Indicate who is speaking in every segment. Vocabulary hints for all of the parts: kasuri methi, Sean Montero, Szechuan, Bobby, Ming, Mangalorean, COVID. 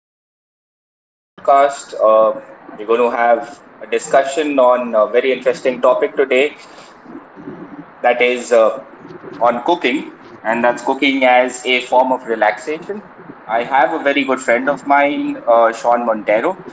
Speaker 1: here again back on my podcast. We're going to have a discussion on a very interesting topic today, that is on cooking, and that's cooking as a form of relaxation. I have a very good friend of mine, Sean Montero,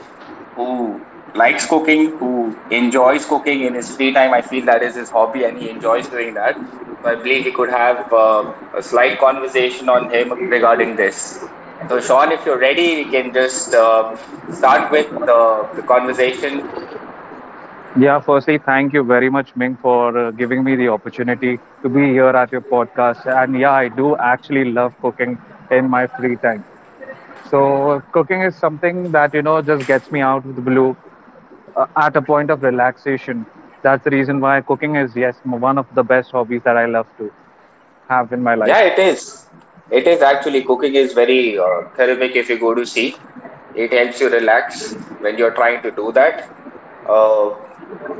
Speaker 1: who likes cooking, who enjoys cooking in his free time. I feel that is his hobby and he enjoys doing that. So I believe we could have a slight conversation on him regarding this. So, Sean, if you're ready, we can just start with the conversation.
Speaker 2: Yeah, firstly, thank you very much, Ming, for giving me the opportunity to be here at your podcast. And yeah, I do actually love cooking in my free time. So, cooking is something that, you know, just gets me out of the blue at a point of relaxation. That's the reason why cooking is, yes, one of the best hobbies that I love to have in my life.
Speaker 1: Yeah, it is. It is actually cooking is very therapeutic, if you go to sea. It helps you relax when you're trying to do that. Uh,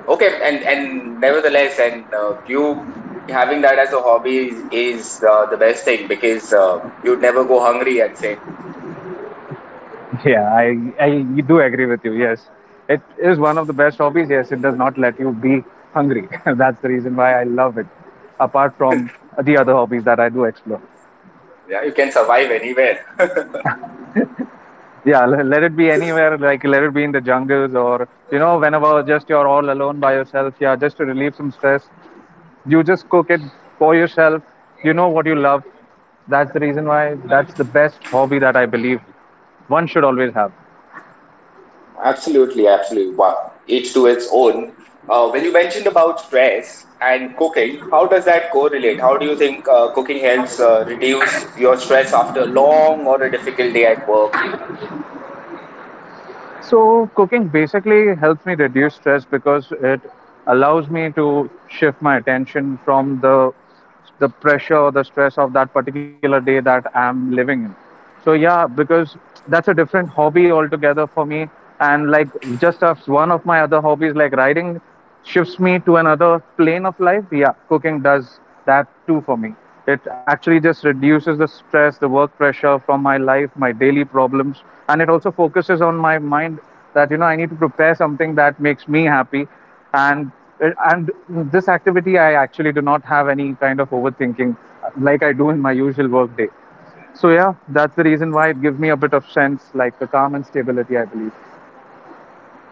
Speaker 1: okay, and nevertheless, and you having that as a hobby is the best thing, because you'd never go hungry, I'd say.
Speaker 2: Yeah, I do agree with you. Yes, it is one of the best hobbies. Yes, it does not let you be hungry. That's the reason why I love it. Apart from the other hobbies that I do explore.
Speaker 1: Yeah, you can survive anywhere.
Speaker 2: Yeah, let it be anywhere. Like let it be in the jungles or you know whenever just you're all alone by yourself. Yeah, just to relieve some stress, you just cook it for yourself. You know what you love. That's the reason why that's the best hobby that I believe one should always have.
Speaker 1: Absolutely, absolutely. Wow. Each to its own. When you mentioned about stress and cooking, how does that correlate? How do you think cooking helps reduce your stress after a long or a difficult day at work?
Speaker 2: So cooking basically helps me reduce stress because it allows me to shift my attention from the pressure or the stress of that particular day that I'm living in. So yeah, because that's a different hobby altogether for me. And like just as one of my other hobbies, like riding, shifts me to another plane of life, yeah, cooking does that too for me. It actually just reduces the stress, the work pressure from my life, my daily problems, and it also focuses on my mind that you know I need to prepare something that makes me happy, and and this activity I actually do not have any kind of overthinking like I do in my usual work day. So yeah, that's the reason why it gives me a bit of sense, like the calm and stability, I believe.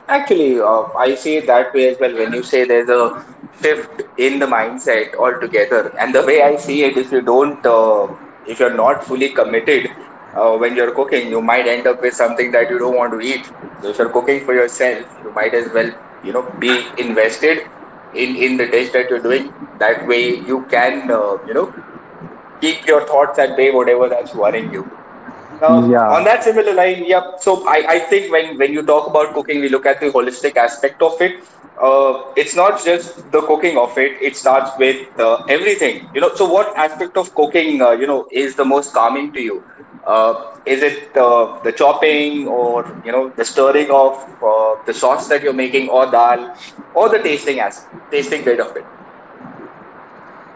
Speaker 1: Actually, I see it that way as well. When you say there's a shift in the mindset altogether, and the way I see it, if you don't, if you're not fully committed when you're cooking, you might end up with something that you don't want to eat. So if you're cooking for yourself, you might as well, you know, be invested in the dish that you're doing. That way, you can, you know, keep your thoughts at bay, whatever that's worrying you. Now, on
Speaker 2: Yeah.
Speaker 1: that similar line, yeah. So I think when you talk about cooking, we look at the holistic aspect of it. It's not just the cooking of it. It starts with everything, you know. So what aspect of cooking, you know, is the most calming to you? Is it the chopping or, you know, the stirring of the sauce that you're making, or dal, or the tasting bit of it?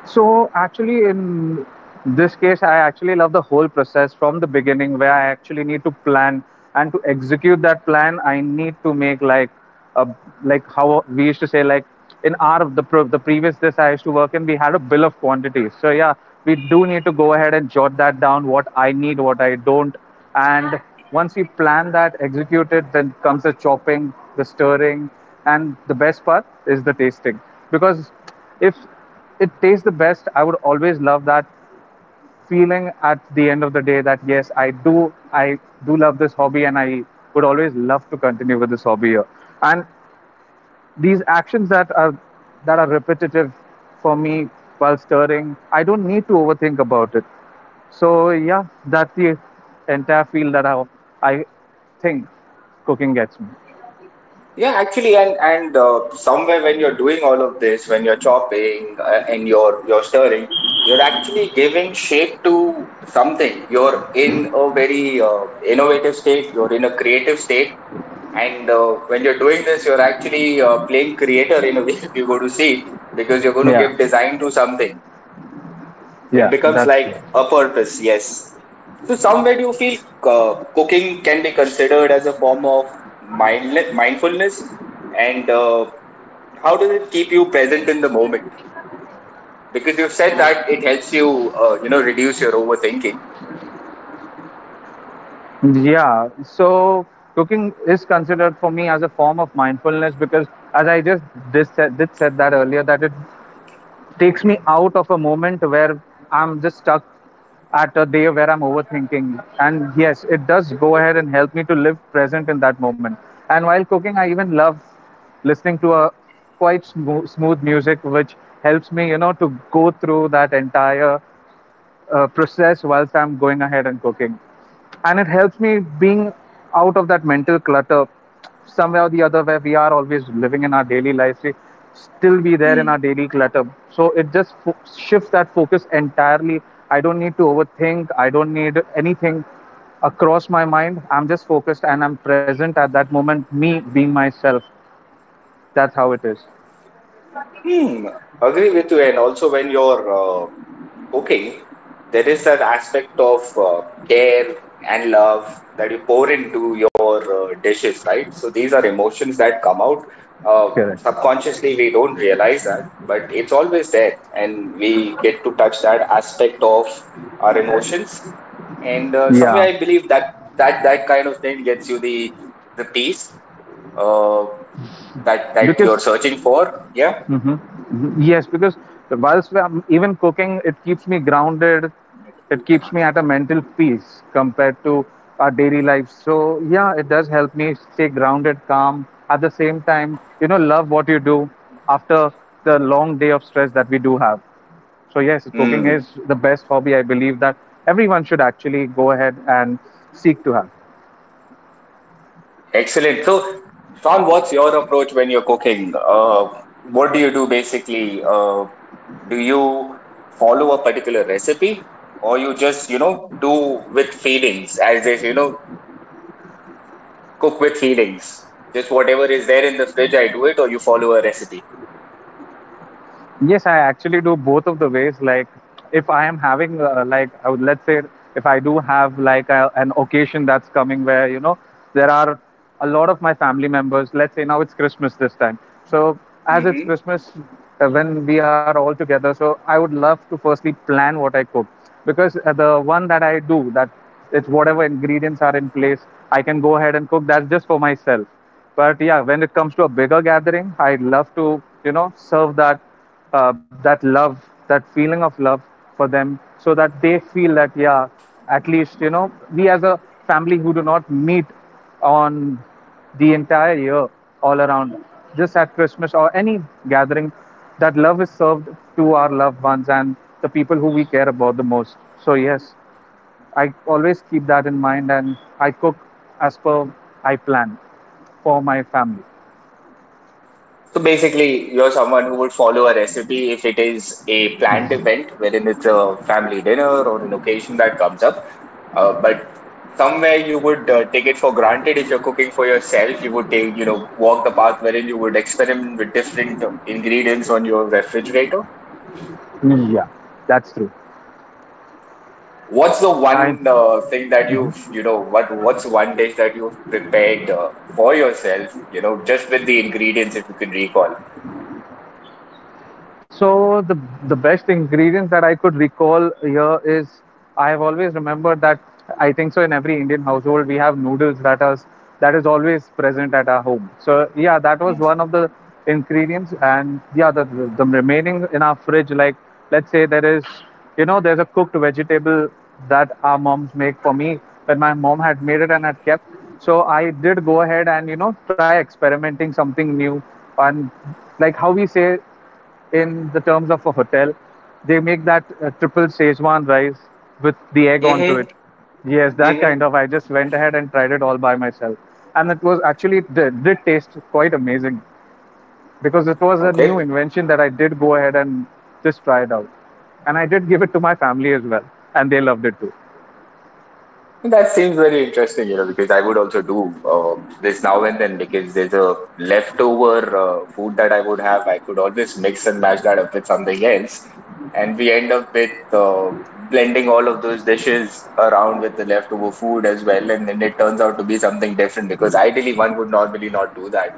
Speaker 2: So actually, in this case, I actually love the whole process from the beginning, where I actually need to plan and to execute that plan. I need to make like a like how we used to say like in our the previous this I used to work in, we had a bill of quantities. So yeah, we do need to go ahead and jot that down. What I need, what I don't, and once we plan that, execute it, then comes the chopping, the stirring, and the best part is the tasting, because if it tastes the best. I would always love that feeling at the end of the day that yes, I do love this hobby and I would always love to continue with this hobby here. And these actions that are repetitive for me while stirring, I don't need to overthink about it. So yeah, that's the entire field that I think cooking gets me.
Speaker 1: Yeah, actually, and somewhere when you're doing all of this, when you're chopping and you're stirring, you're actually giving shape to something. You're in a very innovative state. You're in a creative state, and when you're doing this, you're actually playing creator in a way. If you go to see, because you're going to
Speaker 2: Yeah,
Speaker 1: give design to something. It
Speaker 2: yeah,
Speaker 1: becomes
Speaker 2: that's
Speaker 1: like
Speaker 2: it.
Speaker 1: a purpose, yes. So somewhere do you feel cooking can be considered as a form of mindfulness, and how does it keep you present in the moment? Because you've said that it helps you, you know, reduce your overthinking.
Speaker 2: Yeah, so cooking is considered for me as a form of mindfulness because, as I just did said that earlier, that it takes me out of a moment where I'm just stuck at a day where I'm overthinking. And yes, it does go ahead and help me to live present in that moment. And while cooking, I even love listening to a quite smooth music, which helps me, you know, to go through that entire process whilst I'm going ahead and cooking. And it helps me being out of that mental clutter somewhere or the other where we are always living in our daily lives. We still be there in
Speaker 1: Hmm.
Speaker 2: our daily clutter. So it just shifts that focus entirely. I don't need to overthink. I don't need anything across my mind. I'm just focused and I'm present at that moment, me being myself. That's how it is.
Speaker 1: Hmm, agree with you. And also, when you're cooking, there is that aspect of care and love that you pour into your dishes, right? So these are emotions that come out.
Speaker 2: Correct.
Speaker 1: Subconsciously, we don't realize that, but it's always there, and we get to touch that aspect of our emotions. And somewhere,
Speaker 2: Yeah,
Speaker 1: I believe that that kind of thing gets you the peace uh, that you're
Speaker 2: because
Speaker 1: searching for. Yeah.
Speaker 2: hmm yes, because I'm even cooking, it keeps me grounded. It keeps me at a mental peace compared to our daily life. So yeah, it does help me stay grounded, calm. At the same time, you know, love what you do after the long day of stress that we do have. So yes, cooking is
Speaker 1: Mm,
Speaker 2: the best hobby. I believe that everyone should actually go ahead and seek to have.
Speaker 1: excellent. So, Sean, what's your approach when you're cooking? What do you do basically? Do you follow a particular recipe, or you just, you know, do with feelings, as is, you know, cook with feelings? Just whatever is there in the fridge, I do it, or you follow a recipe?
Speaker 2: Yes, I actually do both of the ways. Like, if I am having, like, I would, let's say, if I do have like an occasion that's coming where, you know, there are a lot of my family members. Let's say now it's Christmas this time. So, as it's Christmas, when we are all together, so I would love to firstly plan what I cook because the one that I do, that it's whatever ingredients are in place, I can go ahead and cook. That's just for myself. But yeah, when it comes to a bigger gathering, I love to, you know, serve that uh, that love, that feeling of love for them, so that they feel that yeah, at least you know we as a family who do not meet on the entire year all around, just at Christmas or any gathering, that love is served to our loved ones and the people who we care about the most. So yes, I always keep that in mind and I cook as per I plan for my family.
Speaker 1: So basically, you're someone who would follow a recipe if it is a planned event, wherein it's a family dinner or an occasion that comes up. But somewhere you would take it for granted if you're cooking for yourself. You would take, you know, walk the path wherein you would experiment with different ingredients on your refrigerator.
Speaker 2: Yeah, that's true.
Speaker 1: What's the
Speaker 2: I
Speaker 1: one thing that you've, you know, what's one dish that you've prepared for yourself, you know, just with the ingredients, if you can recall?
Speaker 2: So the best ingredients that I could recall here is I have always remembered that I think so in every Indian household we have noodles that is always present at our home. So yeah, that was one of the ingredients, and yeah, the remaining in our fridge, like let's say there is you know there's a cooked vegetable that our moms make for me that my mom had made it and had kept. So I did go ahead and you know try experimenting something new and like how we say in the terms of a hotel. They make that triple Szechuan rice with the egg onto it.
Speaker 1: Mm-hmm.
Speaker 2: Yes, that
Speaker 1: Mm-hmm.
Speaker 2: kind of. I just went ahead and tried it all by myself, and it was actually it did taste quite amazing because it was a
Speaker 1: Okay.
Speaker 2: new invention that I did go ahead and just try it out, and I did give it to my family as well, and they loved it too.
Speaker 1: That seems very interesting, you know, because I would also do this now and then because there's a leftover food that I would have. I could always mix and match that up with something else. And we end up with blending all of those dishes around with the leftover food as well. And then it turns out to be something different because ideally one would normally not do that.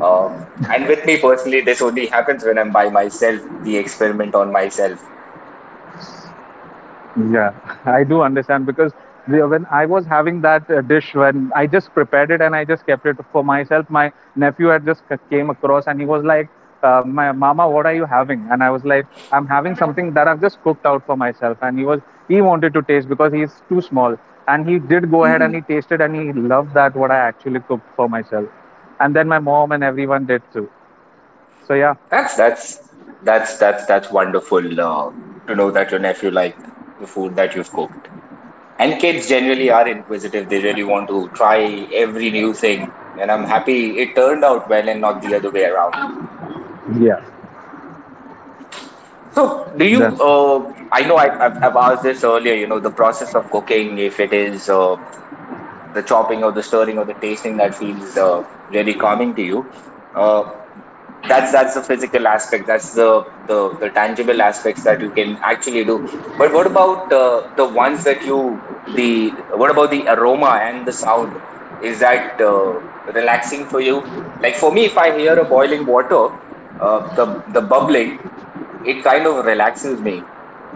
Speaker 1: Uh, and with me personally, this only happens when I'm by myself, the experiment on myself.
Speaker 2: Yeah, I do understand because when I was having that dish, when I just prepared it and I just kept it for myself, my nephew had just came across and he was like, "My mama, what are you having?" And I was like, "I'm having something that I've just cooked out for myself." And he was he wanted to taste because he's too small, and he did go ahead and he tasted and he loved that what I actually cooked for myself, and then my mom and everyone did too. So yeah,
Speaker 1: That's that's that's wonderful to know that your nephew liked the food that you've cooked. And kids generally are inquisitive; they really want to try every new thing. And I'm happy it turned out well and not the other way around.
Speaker 2: yeah,
Speaker 1: So, do
Speaker 2: the,
Speaker 1: you? I know I've asked this earlier. You know, the process of cooking, if it is the chopping or the stirring or the tasting that feels really calming to you. Uh, that's the physical aspect. That's the tangible aspects that you can actually do. But what about the ones that you the what about the aroma and the sound? Is that relaxing for you? Like for me, if I hear a boiling water, the bubbling, it kind of relaxes me.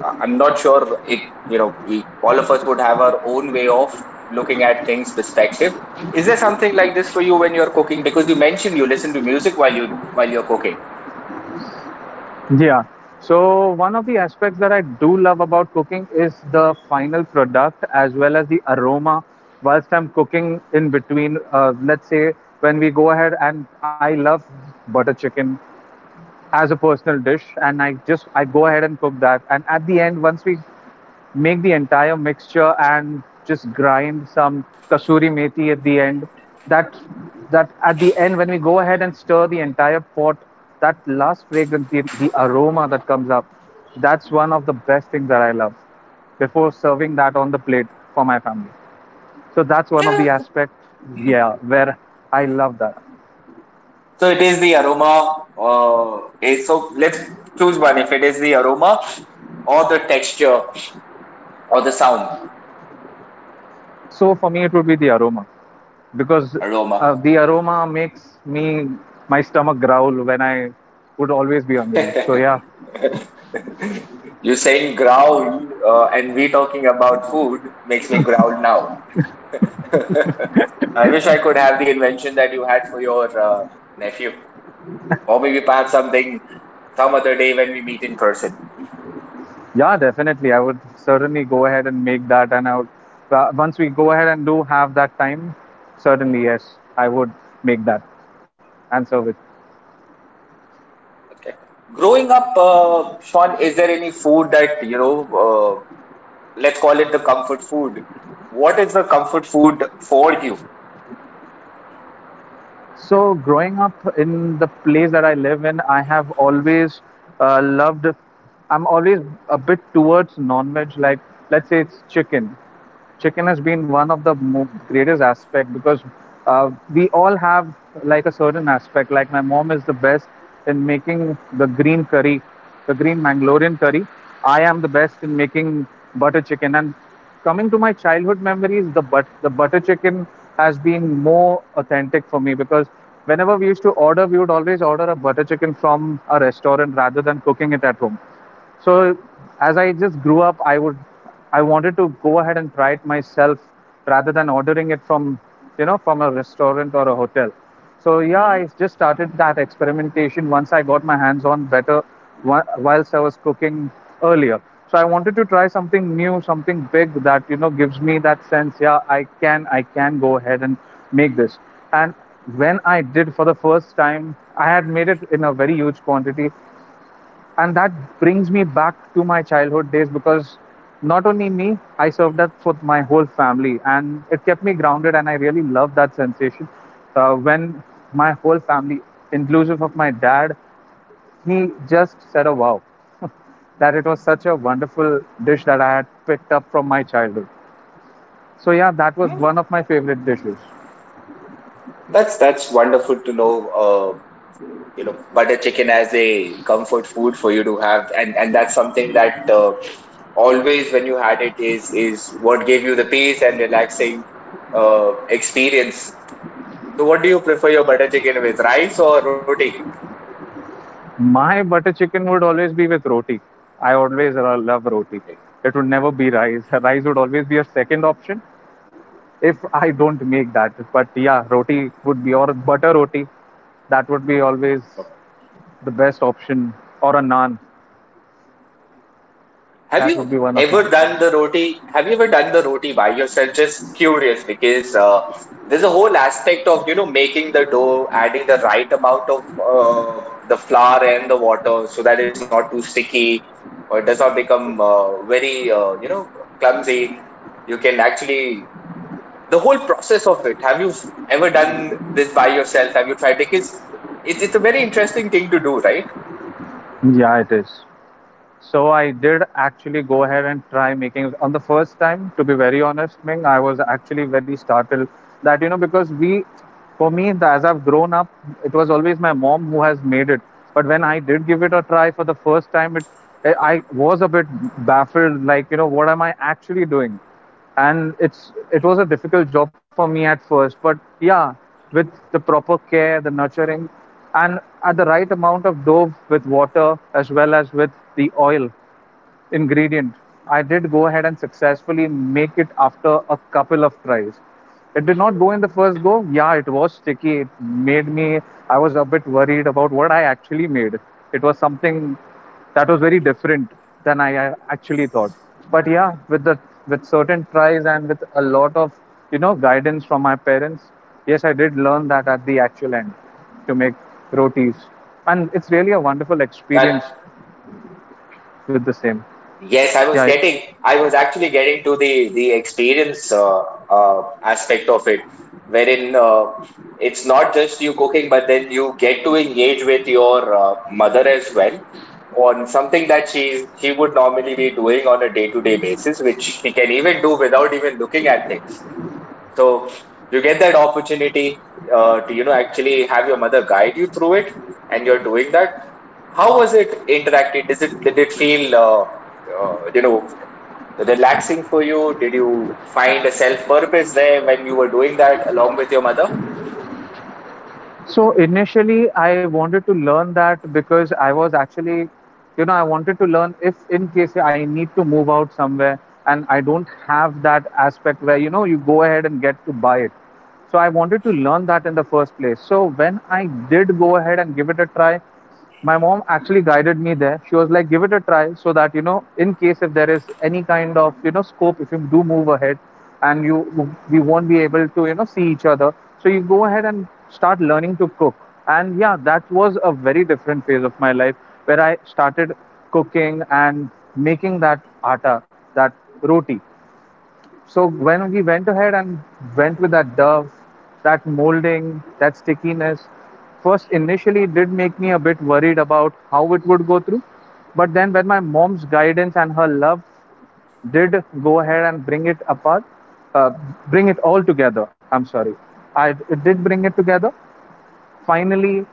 Speaker 1: I'm not sure it, you know, all of us would have our own way of looking at things perspective. Is there something like this for you when you're cooking? Because you mentioned you listen to music while you're cooking.
Speaker 2: yeah. So one of the aspects that I do love about cooking is the final product as well as the aroma whilst I'm cooking in between. Let's say when we go ahead and I love butter chicken as a personal dish and I go ahead and cook that and at the end once we make the entire mixture and just grind some kasuri methi at the end that that at the end when we go ahead and stir the entire pot that last fragrance the aroma that comes up that's one of the best things that I love before serving that on the plate for my family so that's one of the aspects yeah where I love that
Speaker 1: So it is the aroma. So let's choose one. If it is the aroma or the texture or the sound.
Speaker 2: so for me it would be the aroma because
Speaker 1: Aroma.
Speaker 2: the aroma makes me my stomach growl when I would always be hungry so yeah.
Speaker 1: You saying growl and we talking about food makes me growl now. I wish I could have the invention that you had for your nephew, or maybe pass something some other day when we meet in person.
Speaker 2: Yeah, definitely. I would certainly go ahead and make that. And I would, once we go ahead and do have that time, certainly, yes, I would make that and serve it.
Speaker 1: Okay. Growing up, Sean, is there any food that you know? Let's call it the comfort food. What is the comfort food for you?
Speaker 2: So, growing up in the place that I live in, I have always loved. I'm always a bit towards non-veg. Like, let's say it's chicken. Chicken has been one of the greatest aspect because we all have like a certain aspect. Like, my mom is the best in making the green curry, the green Mangalorean curry. I am the best in making butter chicken, and coming to my childhood memories, the butter chicken has been more authentic for me because whenever we used to order, we would always order a butter chicken from a restaurant rather than cooking it at home. So as I just grew up, I wanted to go ahead and try it myself rather than ordering it from you know from a restaurant or a hotel. So yeah, I just started that experimentation once I got my hands on better whilst I was cooking earlier. So I wanted to try something new, something big that gives me that sense. Yeah, I can go ahead and make this. And when I did for the first time, I had made it in a very huge quantity, and that brings me back to my childhood days, because not only me, I served that for my whole family, and it kept me grounded, and I really loved that sensation when my whole family, inclusive of my dad, he just said a wow, that it was such a wonderful dish that I had picked up from my childhood. So yeah, that was
Speaker 1: Hmm?
Speaker 2: one of my favorite dishes.
Speaker 1: That's wonderful to know, you know, butter chicken as a comfort food for you to have, and that's something that always when you had it is what gave you the peace and relaxing experience. So what do you prefer your butter chicken with, rice or roti?
Speaker 2: My butter chicken would always be with roti. I always love roti. It would never be rice. Rice would always be a second option if I don't make that. But yeah, roti would be, or butter roti. That would be always the best option, or a naan.
Speaker 1: Have
Speaker 2: That
Speaker 1: you
Speaker 2: would be one of
Speaker 1: ever
Speaker 2: mine.
Speaker 1: done the roti? Have you ever done the roti by yourself? Just curious because there's a whole aspect of, you know, making the dough, adding the right amount of the flour and the water so that it's not too sticky or it does not become you know, clumsy. You can actually, the whole process of it. Have you ever done this by yourself? Have you tried? Because it's a very interesting thing to do, right?
Speaker 2: Yeah, it is. So I did actually go ahead and try making it on the first time. To be very honest, Ming, I was actually very startled that because for me, as I've grown up, it was always my mom who has made it. But when I did give it a try for the first time, it I was a bit baffled, like what am I actually doing? And it was a difficult job for me at first. But yeah, with the proper care, the nurturing, and at the right amount of dove with water, as well as with the oil ingredient, I did go ahead and successfully make it after a couple of tries. It did not go in the first go. Yeah, it was sticky. It made me, I was a bit worried about what I actually made. It was something that was very different than I actually thought. But yeah, with the with certain tries and with a lot of guidance from my parents, yes, I did learn that at the actual end to make rotis, and it's really a wonderful experience with the same.
Speaker 1: Yes,
Speaker 2: Yeah,
Speaker 1: I was actually getting to the experience aspect of it, wherein it's not just you cooking, but then you get to engage with your mother as well on something that she would normally be doing on a day-to-day basis, which she can even do without even looking at things. So you get that opportunity to, you know, actually have your mother guide you through it, and you're doing that. How was it interacted? Does it Did it feel you know, relaxing for you? Did you find a self purpose there when you were doing that along with your mother?
Speaker 2: so initially, I wanted to learn that because I was actually, I wanted to learn if in case I need to move out somewhere and I don't have that aspect where, you go ahead and get to buy it. So I wanted to learn that in the first place. So when I did go ahead and give it a try, my mom actually guided me there. She was like, give it a try so that in case if there is any kind of scope, if you do move ahead and you we won't be able to see each other, so you go ahead and start learning to cook. And yeah, that was a very different phase of my life, where I started cooking and making that atta, that roti. So when we went ahead and went with that dove, that molding, that stickiness, first initially it did make me a bit worried about how it would go through. But then when my mom's guidance and her love did go ahead and bring it apart, uh, bring it all together. I'm sorry, I it did bring it together. Finally,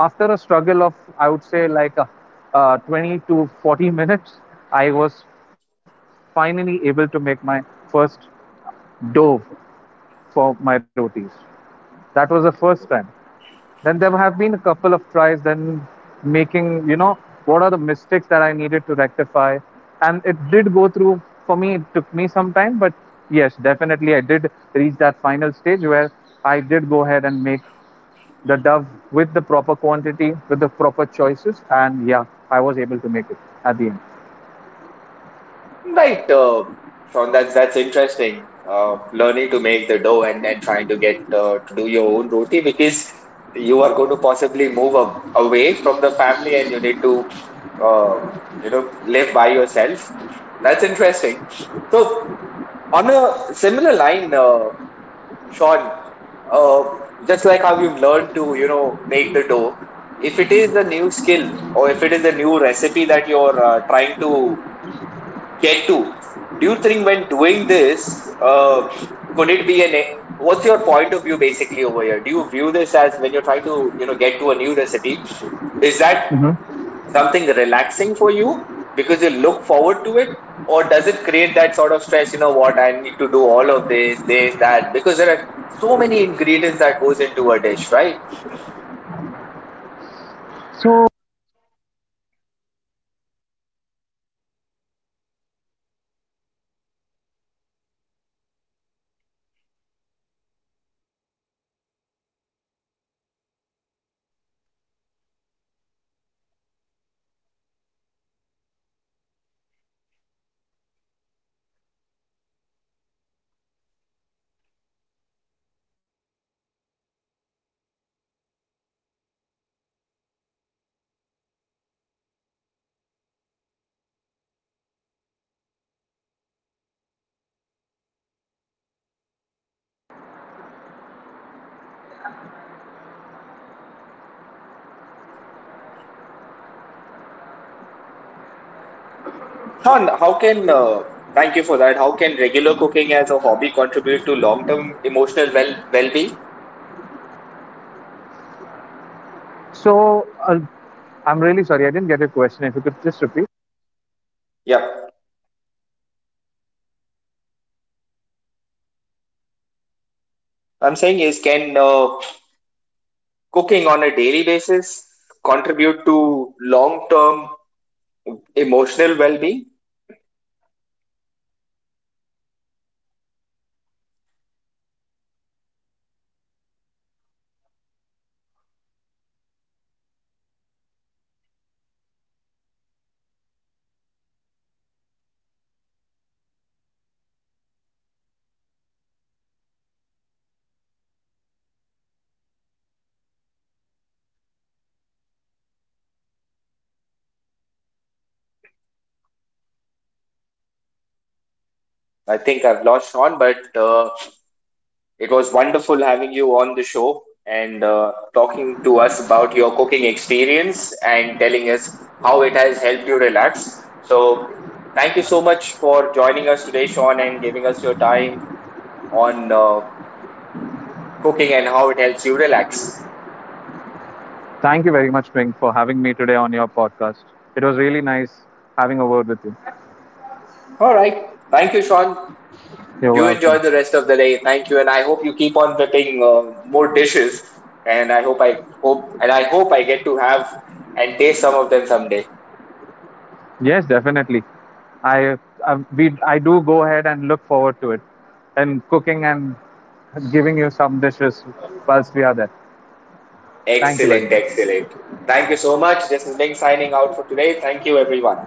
Speaker 2: after a struggle of I would say like 20 to 40 minutes, I was finally able to make my first dove for my rotis. That was the first time. Then there have been a couple of tries, then making, what are the mistakes that I needed to rectify. And it did go through. For me, it took me some time, but yes, definitely I did reach that final stage where I did go ahead and make the dove with the proper quantity, with the proper choices, and yeah, I was able to make it at the end.
Speaker 1: Right, Sean, that's interesting. Learning to make the dough and then trying to get to do your own roti because you are going to possibly move a away from the family and you need to uh, you know, live by yourself. That's interesting. So on a similar line, Sean, uh, just like how you've learned to, you know, make the dough, if it is the new skill or if it is a new recipe that you're trying to Get-to. Do you think when doing this, could it be an? What's your point of view basically over here? Do you view this as when you're trying to, you know, get to a new recipe? Is that
Speaker 2: Hmm.
Speaker 1: something relaxing for you because you look forward to it, or does it create that sort of stress? You know what? I need to do all of this, this, that, because there are so many ingredients that goes into a dish, right?
Speaker 2: So,
Speaker 1: Sean, how can thank you for that? How can regular cooking as a hobby contribute to long-term emotional well well-being?
Speaker 2: so, I'm really sorry, I didn't get your question. If you could just repeat.
Speaker 1: Yeah. I'm saying is can cooking on a daily basis contribute to long term emotional well being? I think I've lost Sean, but it was wonderful having you on the show and talking to us about your cooking experience and telling us how it has helped you relax. So, thank you so much for joining us today, Sean, and giving us your time on cooking and how it helps you relax.
Speaker 2: Thank you very much, Ming, for having me today on your podcast. It was really nice having a word with you.
Speaker 1: All right. Thank you, Sean.
Speaker 2: You're
Speaker 1: You
Speaker 2: welcome.
Speaker 1: enjoy the rest of the day. Thank you, and I hope you keep on whipping more dishes. And I hope I get to have and taste some of them someday.
Speaker 2: Yes, definitely. I, I do go ahead and look forward to it, and cooking and giving you some dishes whilst we are there. Thank you very
Speaker 1: Excellent,
Speaker 2: much.
Speaker 1: excellent. Thank you so much. This is Ming signing out for today. Thank you, everyone.